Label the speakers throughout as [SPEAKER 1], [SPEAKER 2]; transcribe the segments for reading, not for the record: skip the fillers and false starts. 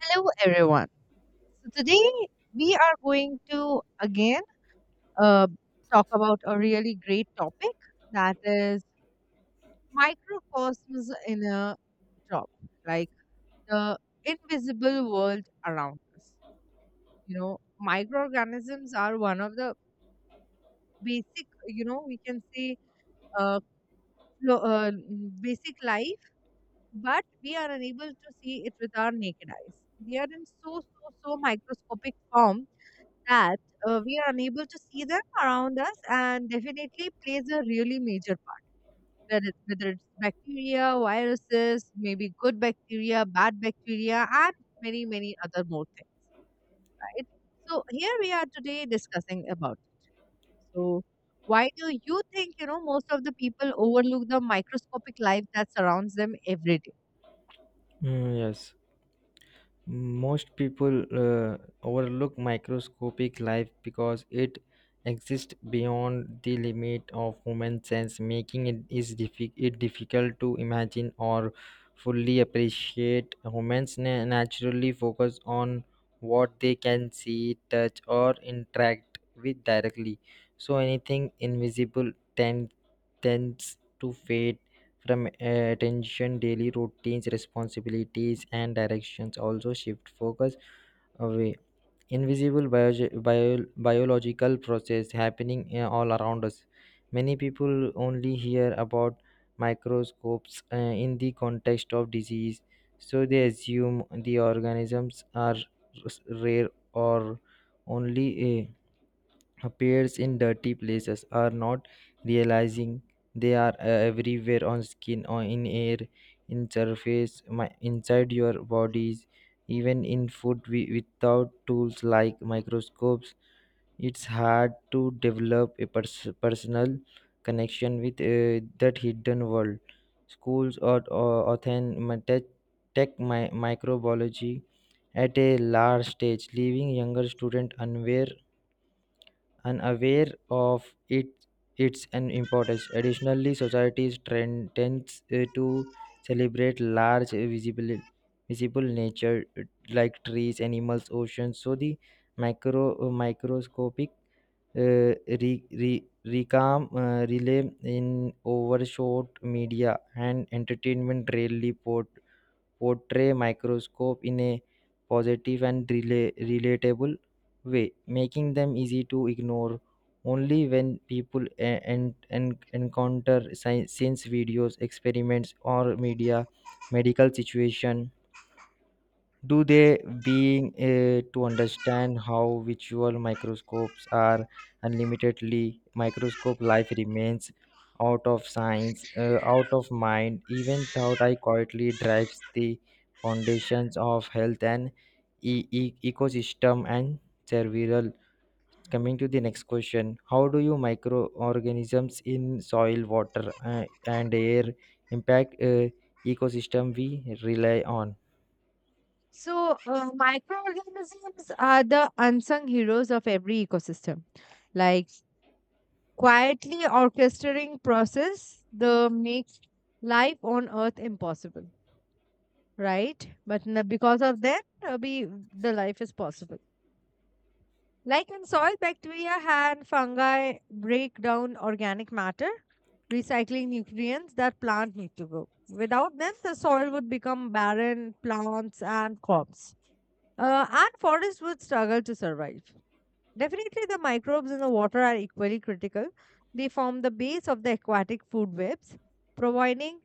[SPEAKER 1] Hello, everyone. So today we are going to again uh, talk about a really great topic, that is microcosms in a job, like the invisible world around us. You know, microorganisms are one of the basic, you know, we can say uh, basic life, but we are unable to see it with our naked eyes. They are in so, so, so microscopic form that we are unable to see them around us and definitely plays a really major part. Whether it's bacteria, viruses, maybe good bacteria, bad bacteria, and many, many other more things, right? So here we are today discussing about it. So why do you think, you know, most of the people overlook the microscopic life that surrounds them every day?
[SPEAKER 2] Yes, most people overlook microscopic life because it exists beyond the limit of human sense, making it difficult to imagine or fully appreciate. Humans naturally focus on what they can see, touch, or interact with directly, so anything invisible tends to fade from attention, daily routines, responsibilities, and directions also shift focus away invisible biological process happening all around us. Many people only hear about microscopes in the context of disease, so they assume the organisms are rare or only uh, appears in dirty places, are not realizing they are everywhere on skin or in air, in surface, inside your bodies, even in food without tools like microscopes. It's hard to develop a personal connection with that hidden world. Schools or tech microbiology at a large stage, leaving younger students unaware, unaware of it, its an importance. Additionally, societies trend, tends to celebrate large visible nature, like trees, animals, oceans. So the micro microscopic, uh, re, re, recam relay in overshot media and entertainment rarely portray microscope in a positive and relatable way, making them easy to ignore. Only when people encounter science videos, experiments, or media, medical situation, do they being to understand how visual microscopes are, unlimitedly microscope life remains out of science, out of mind, even thought I quietly drives the foundations of health and ecosystem and cerebral. Coming to the next question, how do you microorganisms in soil, water, and air impact ecosystem we rely on?
[SPEAKER 1] So, microorganisms are the unsung heroes of every ecosystem. Like quietly orchestrating process that makes life on earth impossible, right? But because of them, uh, we, the life is possible. Like in soil, bacteria and fungi break down organic matter, recycling nutrients that plant need to grow. Without them, the soil would become barren, plants and crops and forests would struggle to survive. Definitely, the microbes in the water are equally critical. They form the base of the aquatic food webs, providing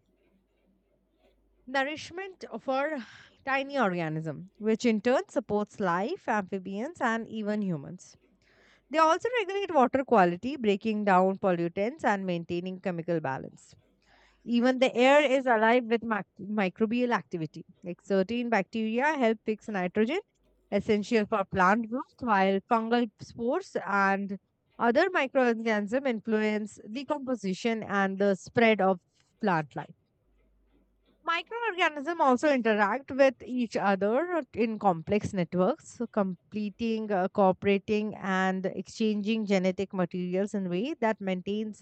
[SPEAKER 1] nourishment for tiny organisms, which in turn supports life, amphibians, and even humans. They also regulate water quality, breaking down pollutants and maintaining chemical balance. Even the air is alive with microbial activity. Like certain bacteria help fix nitrogen, essential for plant growth, while fungal spores and other microorganisms influence the composition and the spread of plant life. Microorganisms also interact with each other in complex networks, so completing, cooperating, and exchanging genetic materials in a way that maintains,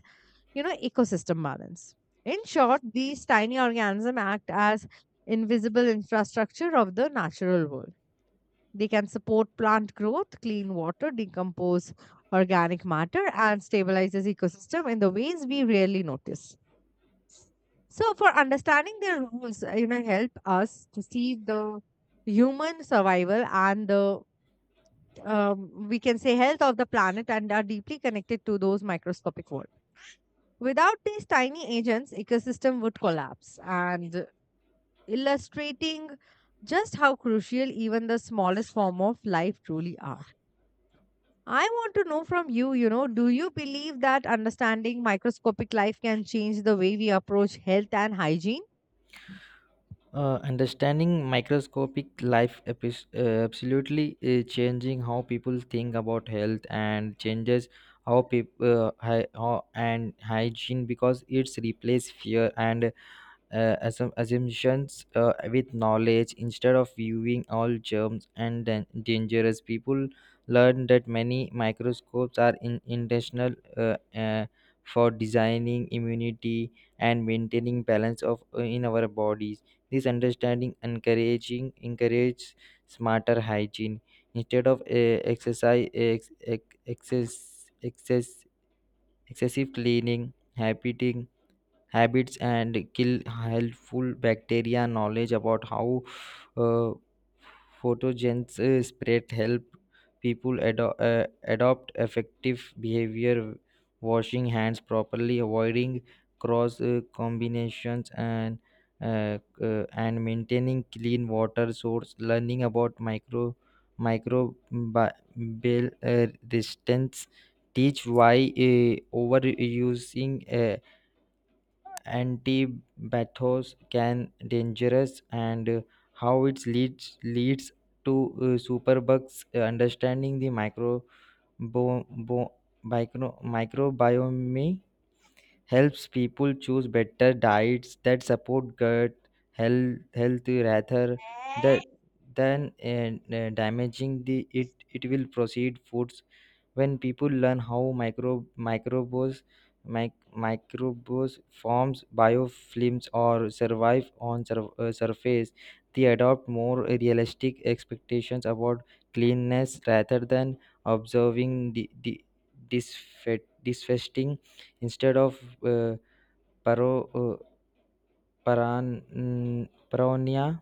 [SPEAKER 1] you know, ecosystem balance. In short, these tiny organisms act as invisible infrastructure of the natural world. They can support plant growth, clean water, decompose organic matter, and stabilizes ecosystem in the ways we rarely notice. So, for understanding their roles, you know, help us to see the human survival and the, we can say, health of the planet and are deeply connected to those microscopic world. Without these tiny agents, ecosystem would collapse and illustrating just how crucial even the smallest form of life truly are. I want to know from you, you know, do you believe that understanding microscopic life can change the way we approach health and hygiene?
[SPEAKER 2] Understanding microscopic life epis absolutely changing how people think about health and changes how people and hygiene, because it's replace fear and assumptions with knowledge. Instead of viewing all germs and dangerous, people learn that many microscopes are intentional, for designing immunity and maintaining balance of in our bodies. This understanding encouraging encourages smarter hygiene instead of exercise ex- ex- excess, excess excessive cleaning habiting habits and kill helpful bacteria. Knowledge about how uh, pathogens spread help people adopt effective behavior, washing hands properly, avoiding cross combinations, and and maintaining clean water source. Learning about micro microbial resistance teach why overusing anti-bathos can dangerous, and how it leads to superbugs. Understanding the bo, bo, microbiome helps people choose better diets that support gut health rather that than damaging the it will proceed foods. When people learn how micro mic, microbes forms biofilms or survive on surface, they adopt more realistic expectations about cleanness rather than observing the disfesting instead of uh, paro, uh, paran, paranoia.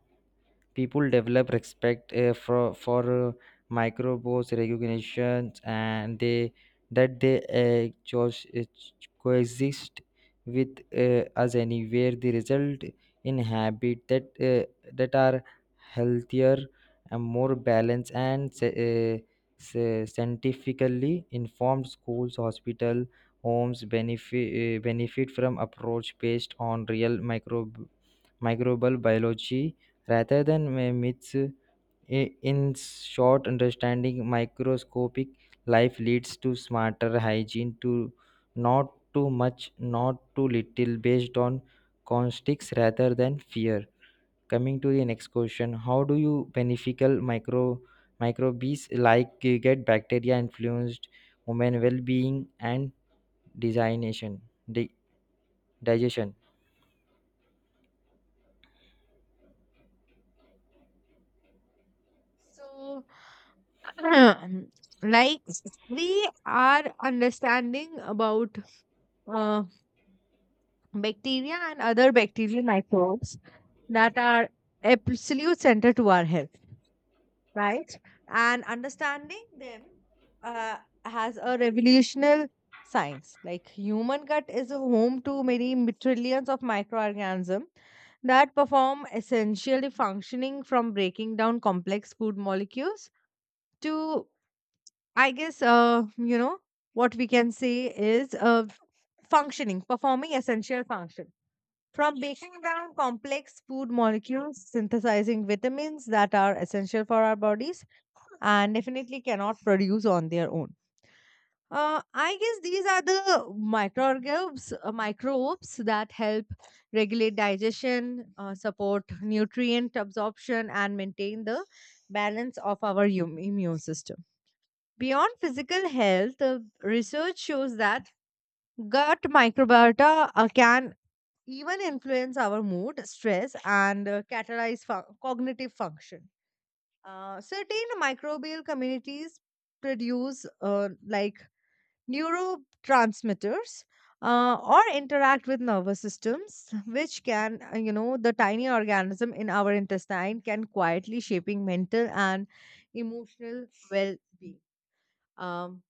[SPEAKER 2] People develop respect for microbes recognitions, and they coexist with us anywhere. The result in habit that that are healthier and more balanced and scientifically informed. Schools, hospital, homes benefit benefit from approach based on real micro microbial biology rather than my myths. In short, understanding microscopic life leads to smarter hygiene, to not too much, not too little, based on context rather than fear. Coming to the next question, how do you beneficial micro microbes like get bacteria influenced human well-being and designation, di- digestion?
[SPEAKER 1] So, like we are understanding about uh, bacteria and other bacterial microbes that are absolute center to our health, right? And understanding them uh, has a revolutionary science. Like human gut is a home to many trillions of microorganisms that perform essentially functioning from breaking down complex food molecules to, I guess, you know, what we can say is, functioning, performing essential function from breaking down complex food molecules, synthesizing vitamins that are essential for our bodies and definitely cannot produce on their own. I guess these are the microorganisms, microbes that help regulate digestion, support nutrient absorption, and maintain the balance of our immune system. Beyond physical health, research shows that gut microbiota can even influence our mood, stress, and cognitive function. Certain microbial communities produce, like, neurotransmitters or interact with nervous systems, which can, you know, the tiny organism in our intestine can quietly shaping mental and emotional well-being. Um,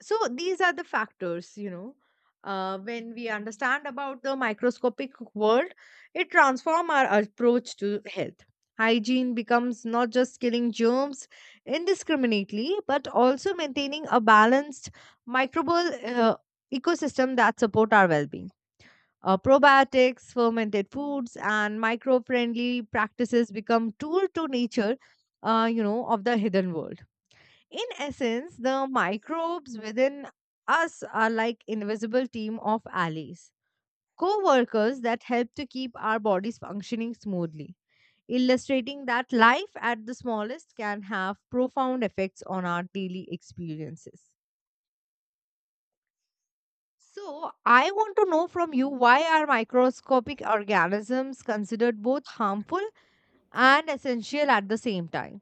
[SPEAKER 1] so these are the factors, you know, when we understand about the microscopic world, it transforms our approach to health. Hygiene becomes not just killing germs indiscriminately, but also maintaining a balanced microbial ecosystem that support our well-being. Probiotics, fermented foods, and micro-friendly practices become tool to nature, you know, of the hidden world. In essence, the microbes within us are like invisible team of allies, co-workers that help to keep our bodies functioning smoothly, illustrating that life at the smallest can have profound effects on our daily experiences. So, I want to know from you, why are microscopic organisms considered both harmful and essential at the same time?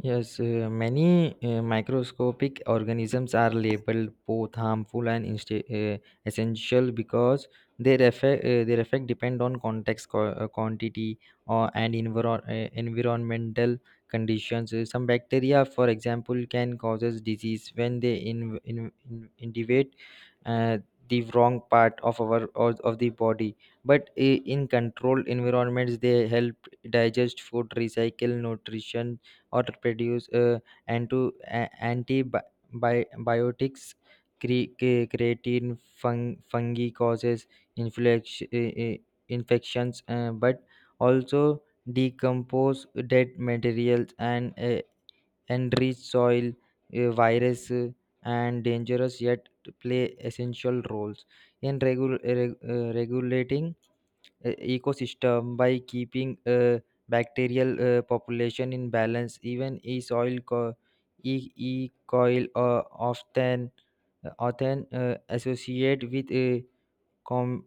[SPEAKER 2] Yes, many microscopic organisms are labeled both harmful and essential because their effect depend on context, quantity, or and environmental conditions. Some bacteria, for example, can causes disease when they invade uh, the wrong part of of the body. But in controlled environments, they help digest food, recycle nutrition, or produce anti antibiotics, creatine, fungi causes inflex- uh, uh, infections, but also decompose dead materials and enrich soil, virus, and dangerous yet play essential roles in regulating ecosystem by keeping bacterial population in balance. Even e soil e coil often associate with a com-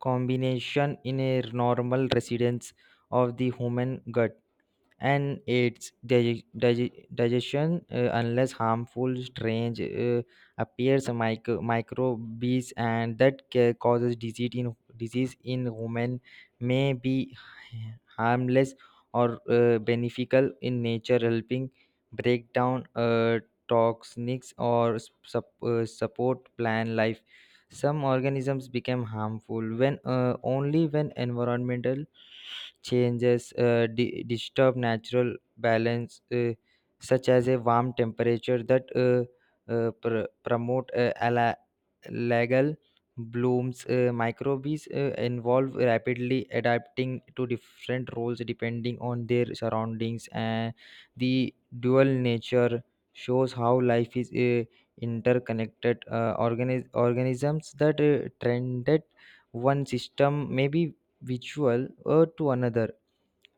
[SPEAKER 2] combination in a normal residence of the human gut and its digestion, unless harmful strange appears. Microbes and that causes disease in human may be harmless or beneficial in nature, helping break down toxins or support plant life. Some organisms become harmful when only when environmental changes disturb natural balance, such as a warm temperature that promote algal blooms. Microbes involve rapidly adapting to different roles depending on their surroundings, and the dual nature shows how life is. Interconnected organisms that trend that one system may be visual or to another.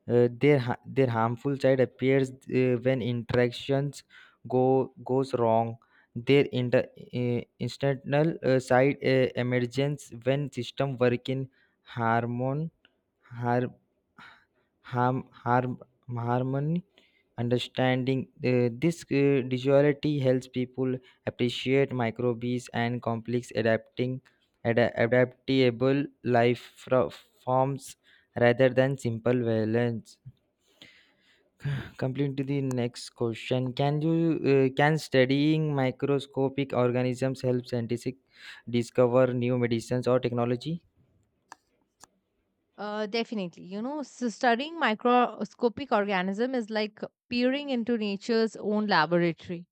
[SPEAKER 2] Their their harmful side appears when interactions go goes wrong. Their instrumental side emerges when system work in harmony, har- harm, harm, harmony, understanding. This duality helps people appreciate microbes and complex adapting adaptable life forms rather than simple violence. Complete to the next question. Can you can studying microscopic organisms help scientists discover new medicines or technology?
[SPEAKER 1] Definitely. You know, so studying microscopic organism is like peering into nature's own laboratory.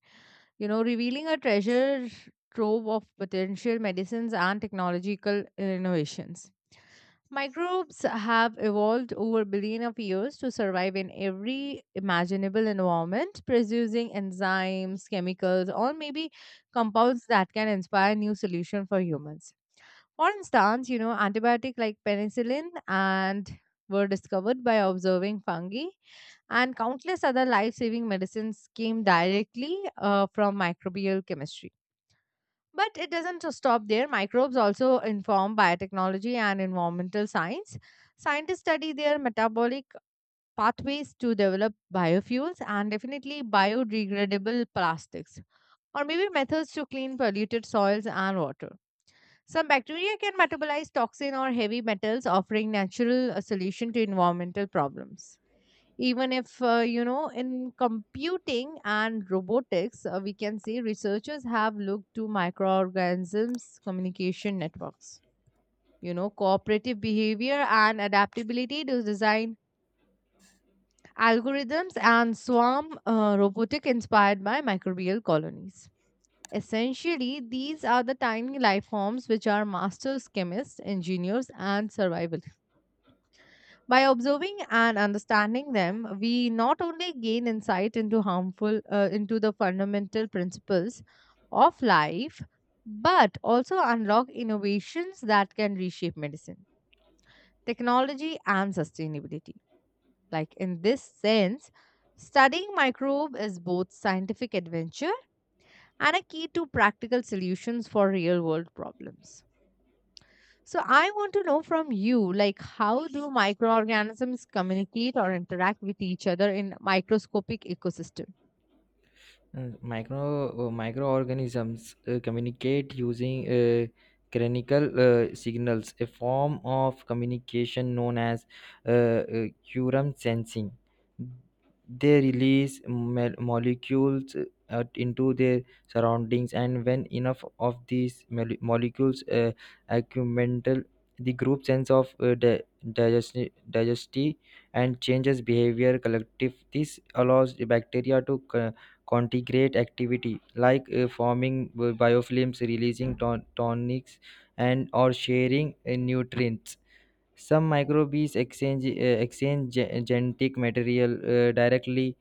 [SPEAKER 1] You know, revealing a treasure trove of potential medicines and technological innovations. Microbes have evolved over billion of years to survive in every imaginable environment, producing enzymes, chemicals, or maybe compounds that can inspire new solution for humans. For instance, you know, antibiotic like penicillin and were discovered by observing fungi, and countless other life-saving medicines came directly, from microbial chemistry. But it doesn't just stop there. Microbes also inform biotechnology and environmental science. Scientists study their metabolic pathways to develop biofuels and definitely biodegradable plastics, or maybe methods to clean polluted soils and water. Some bacteria can metabolize toxin or heavy metals, offering natural solution to environmental problems. Even if, you know, in computing and robotics, we can see researchers have looked to microorganisms, communication networks. You know, cooperative behavior and adaptability to design algorithms and swarm robotic inspired by microbial colonies. Essentially, these are the tiny life forms which are masters, chemists, engineers, and survivalists. By observing and understanding them, we not only gain insight into harmful, into the fundamental principles of life, but also unlock innovations that can reshape medicine, technology, and sustainability. Like in this sense, studying microbe is both scientific adventure and a key to practical solutions for real world problems. So I want to know from you, like, how do microorganisms communicate or interact with each other in microscopic ecosystem?
[SPEAKER 2] Micro microorganisms communicate using cranial signals, a form of communication known as quorum sensing. They release molecules into their surroundings, and when enough of these molecules accumulate, the group sense of digesti and changes behavior collective. This allows the bacteria to Contigrate activity like forming biofilms, releasing tonics, and or sharing nutrients. Some microbes exchange genetic material directly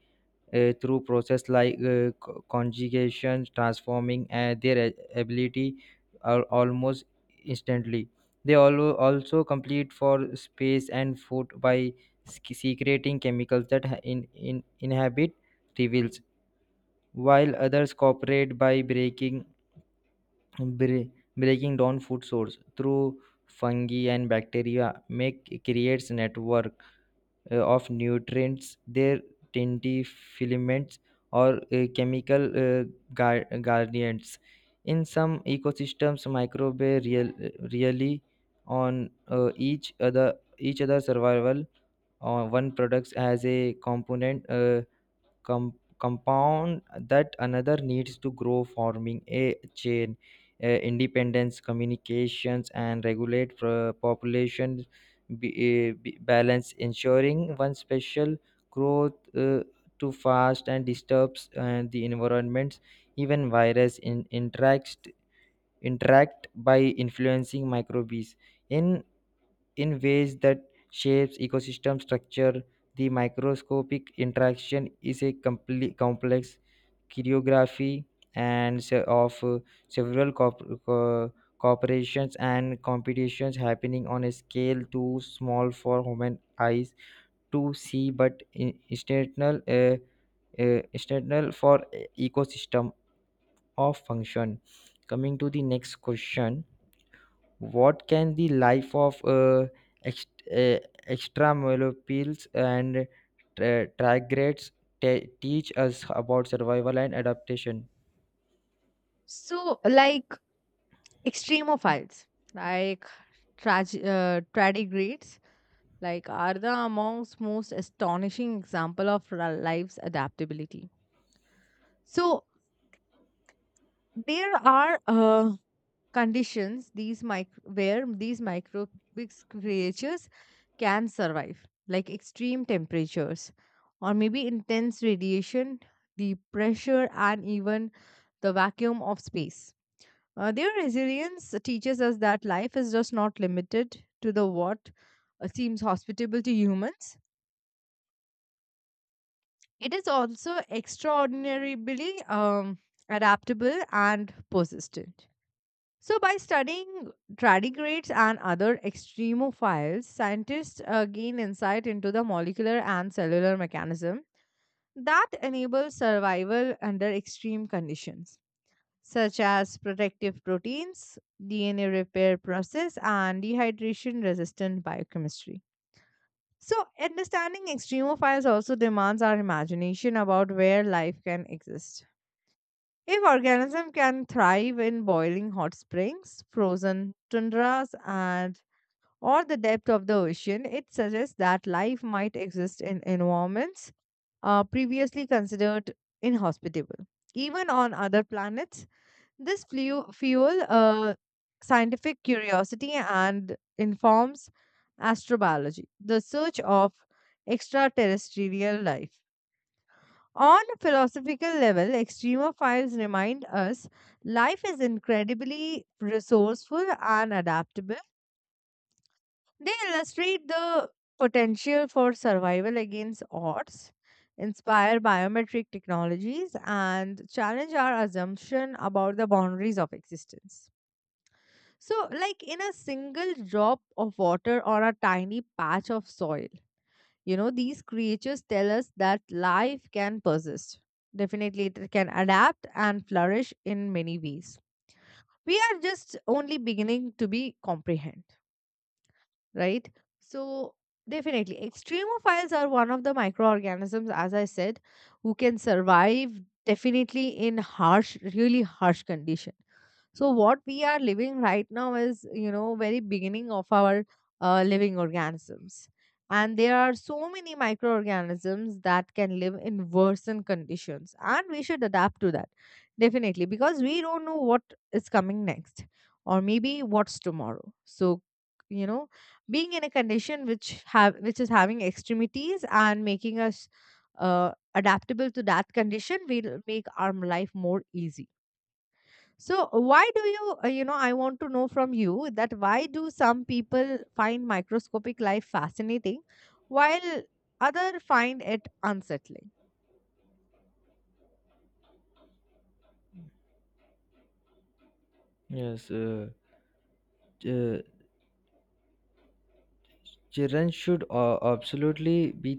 [SPEAKER 2] through process like conjugation, transforming their ability almost instantly. They also complete for space and food by secreting chemicals that ha- in inhabit reveals, while others cooperate by breaking bre- breaking down food source through fungi and bacteria, make creates network of nutrients, their tinty filaments or chemical guardians. In some ecosystems, really on each other survival on one products as a component com- compound that another needs to grow, forming a chain independence communications, and regulate population balance, ensuring one special growth too fast and disturbs the environments. Even interacts interact by influencing microbes in in ways that shapes ecosystem structure. The microscopic interaction is a complex choreography and se- of several corporations and competitions happening on a scale too small for human eyes to see, but external, external for ecosystem of function. Coming to the next question, what can the life of ext- uh, extramolecules and tardigrades teach us about survival and adaptation?
[SPEAKER 1] So like extremophiles, like tardigrades, like are the amongst most astonishing example of life's adaptability. So there are conditions these where these microbic creatures can survive, like extreme temperatures or maybe intense radiation, the pressure, and even the vacuum of space. Their resilience teaches us that life is just not limited to the what seems hospitable to humans. It is also extraordinarily adaptable and persistent. So, by studying tardigrades and other extremophiles, scientists gain insight into the molecular and cellular mechanism that enables survival under extreme conditions, such as protective proteins, DNA repair process, and dehydration resistant biochemistry. So, understanding extremophiles also demands our imagination about where life can exist. If organisms can thrive in boiling hot springs, frozen tundras, and or the depth of the ocean, it suggests that life might exist in environments previously considered inhospitable. Even on other planets, this fuel scientific curiosity and informs astrobiology, the search of extraterrestrial life. On a philosophical level, extremophiles remind us life is incredibly resourceful and adaptable. They illustrate the potential for survival against odds, inspire biometric technologies, and challenge our assumption about the boundaries of existence. So, like in a single drop of water or a tiny patch of soil, you know, these creatures tell us that life can persist. Definitely, it can adapt and flourish in many ways. We are just only beginning to be comprehend, right? So, definitely, extremophiles are one of the microorganisms, as I said, who can survive definitely in harsh, really harsh condition. So, what we are living right now is, you know, very beginning of our living organisms. And there are so many microorganisms that can live in worsened conditions, and we should adapt to that definitely, because we don't know what is coming next or maybe what's tomorrow. So, you know, being in a condition which have which is having extremities and making us adaptable to that condition will make our life more easy. So why do you, you know, I want to know from you, that why do some people find microscopic life fascinating while other find it unsettling?
[SPEAKER 2] Yes, uh, children should absolutely be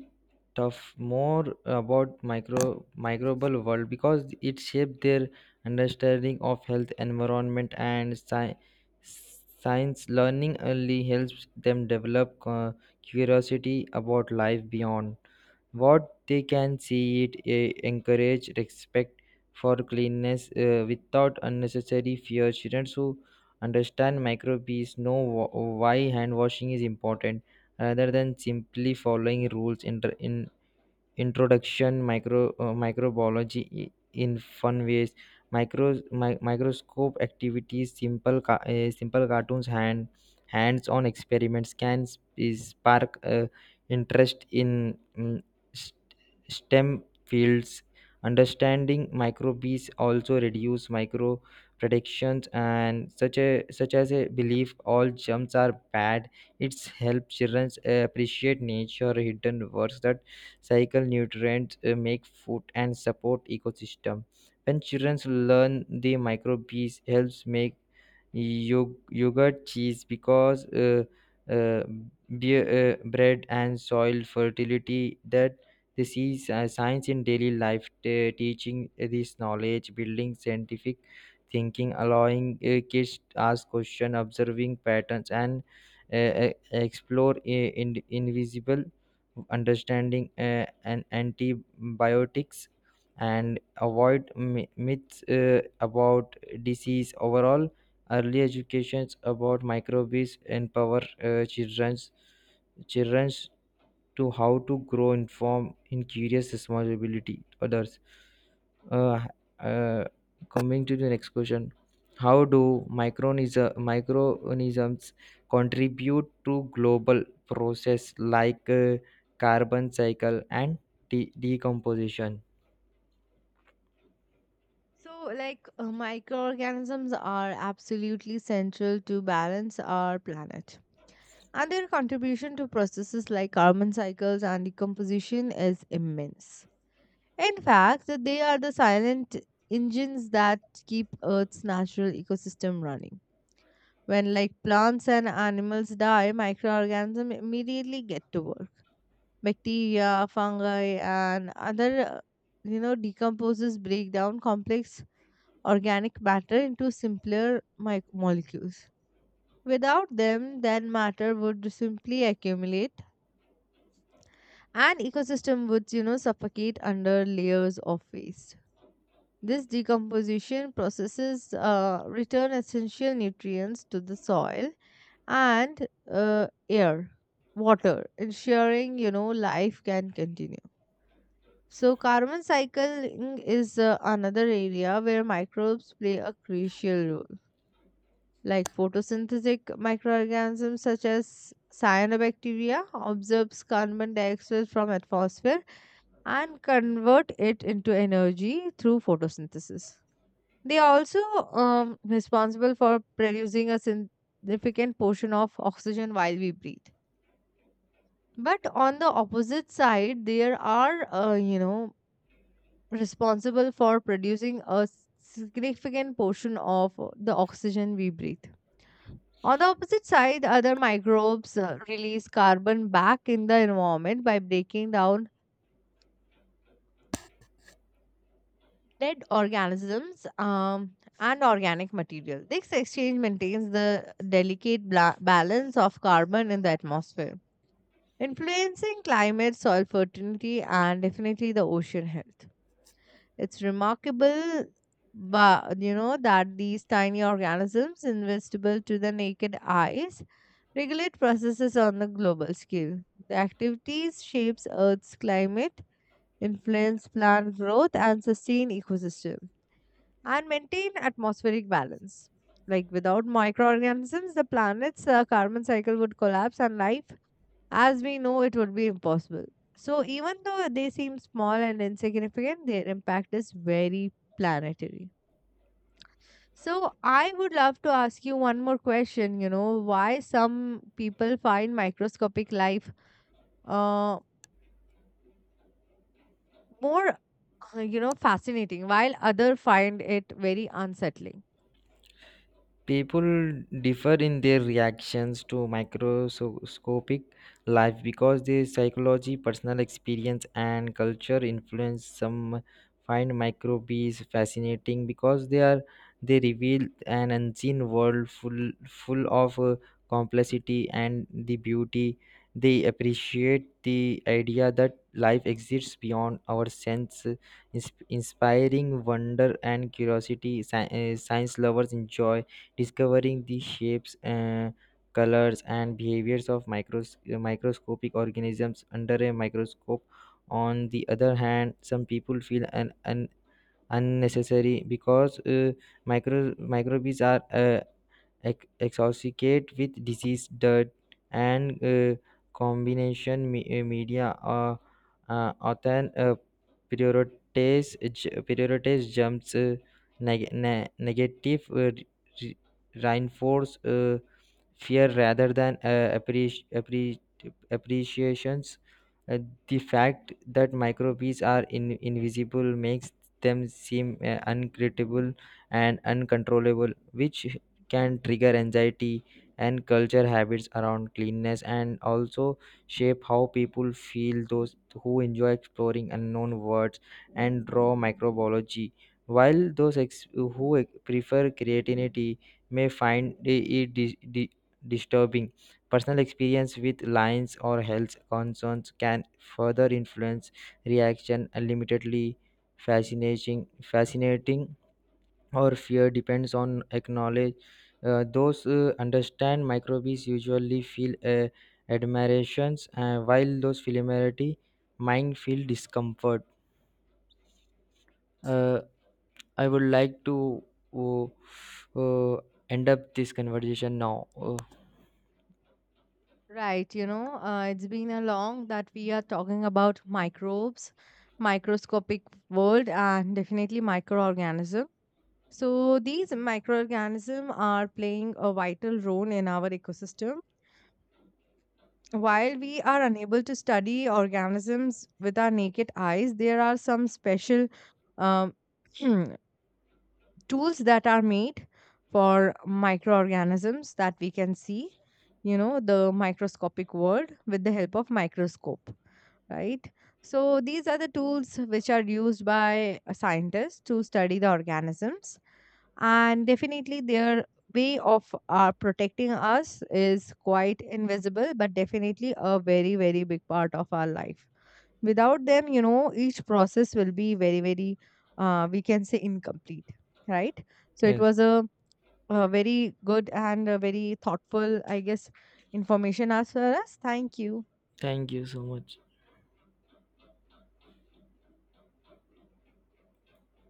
[SPEAKER 2] tough more about micro microbial world because it shapes their understanding of health, environment, and science. Learning early helps them develop curiosity about life beyond what they can see. It Eh, encourage respect for cleanness, eh, without unnecessary fear. Students who understand microbes know why hand washing is important, rather than simply following rules in introduction micro microbiology in fun ways. Micro microscope activities, simple simple cartoons, hands on experiments can spark interest in st- stem fields. Understanding microbes also reduce micro predictions and such as a belief all germs are bad. It's help children appreciate nature hidden words that cycle nutrients, make food, and support ecosystem. When children learn the microbes helps make yogurt, cheese because uh, be- bread, and soil fertility, that this is science in daily life. Teaching this knowledge building scientific thinking, allowing kids to ask question, observing patterns, and explore invisible, understanding and antibiotics, and avoid myths about disease. Overall, early educations about microbes empower uh, children's children's to how to grow informed in curious responsibility to others. uh, uh, Coming to the next question, how do microorganisms contribute to global process like carbon cycle and decomposition?
[SPEAKER 1] So, like, microorganisms are absolutely central to balance our planet, and their contribution to processes like carbon cycles and decomposition is immense. In fact, they are the silent engines that keep Earth's natural ecosystem running. When like plants and animals die, microorganisms immediately get to work. Bacteria, fungi, and other, you know, decomposes break down complex organic matter into simpler molecules. Without them, then matter would simply accumulate and ecosystem would, you know, suffocate under layers of waste. This decomposition processes return essential nutrients to the soil and air, water, ensuring, you know, life can continue. So carbon cycling is, another area where microbes play a crucial role. Like photosynthetic microorganisms such as cyanobacteria absorbs carbon dioxide from atmosphere and convert it into energy through photosynthesis. They are also, responsible for producing a significant portion of oxygen while we breathe. But on the opposite side, there are, you know, responsible for producing a significant portion of the oxygen we breathe. On the opposite side, other microbes release carbon back in the environment by breaking down dead organisms and organic material. This exchange maintains the delicate balance of carbon in the atmosphere, influencing climate, soil fertility, and definitely the ocean health. It's remarkable, but you know that these tiny organisms, invisible to the naked eyes, regulate processes on the global scale. The activities shapes Earth's climate, influence plant growth, and sustain ecosystems and maintain atmospheric balance. Like without microorganisms, the planet's carbon cycle would collapse and life as we know it would be impossible. So, even though they seem small and insignificant, their impact is very planetary. So, I would love to ask you one more question. You know, why some people find microscopic life, uh, more, you know, fascinating, while other find it very unsettling?
[SPEAKER 2] People differ in their reactions to microscopic life because their psychology, personal experience, and culture influence. Some find microbes fascinating because they reveal an unseen world full of complexity and the beauty. They appreciate the idea that life exists beyond our sense, inspiring wonder and curiosity. Science lovers enjoy discovering the shapes, colors, and behaviors of microscopic organisms under a microscope. On the other hand, some people feel an unnecessary because microbes are associated with disease, dirt, and combination. Media are often prioritize jumps, negative re- reinforce fear rather than appreciations. Uh, the fact that microbes are invisible makes them seem uncreatable and uncontrollable, which can trigger anxiety, and culture habits around cleanness and also shape how people feel. Those who enjoy exploring unknown words and raw microbiology, while those who prefer creativity may find it disturbing. Personal experience with lines or health concerns can further influence reaction unlimitedly. Fascinating or fear depends on acknowledge. Those understand microbes usually feel admirations, while those familiarity mind feel discomfort. Uh, I would like to uh, uh, end up this conversation now.
[SPEAKER 1] Right, you know, it's been a long that we are talking about microbes, microscopic world, and definitely microorganism. So these microorganisms are playing a vital role in our ecosystem. While we are unable to study organisms with our naked eyes, there are some special, um, tools that are made for microorganisms that we can see, you know, the microscopic world with the help of microscope, right? So these are the tools which are used by scientists to study the organisms, and definitely their way of protecting us is quite invisible, but definitely a very, very big part of our life. Without them, you know, each process will be very, very, we can say, incomplete, right? So it
[SPEAKER 2] Yes,
[SPEAKER 1] was a very good and a very thoughtful, I guess, information as for us. Thank you.
[SPEAKER 2] thank you so much.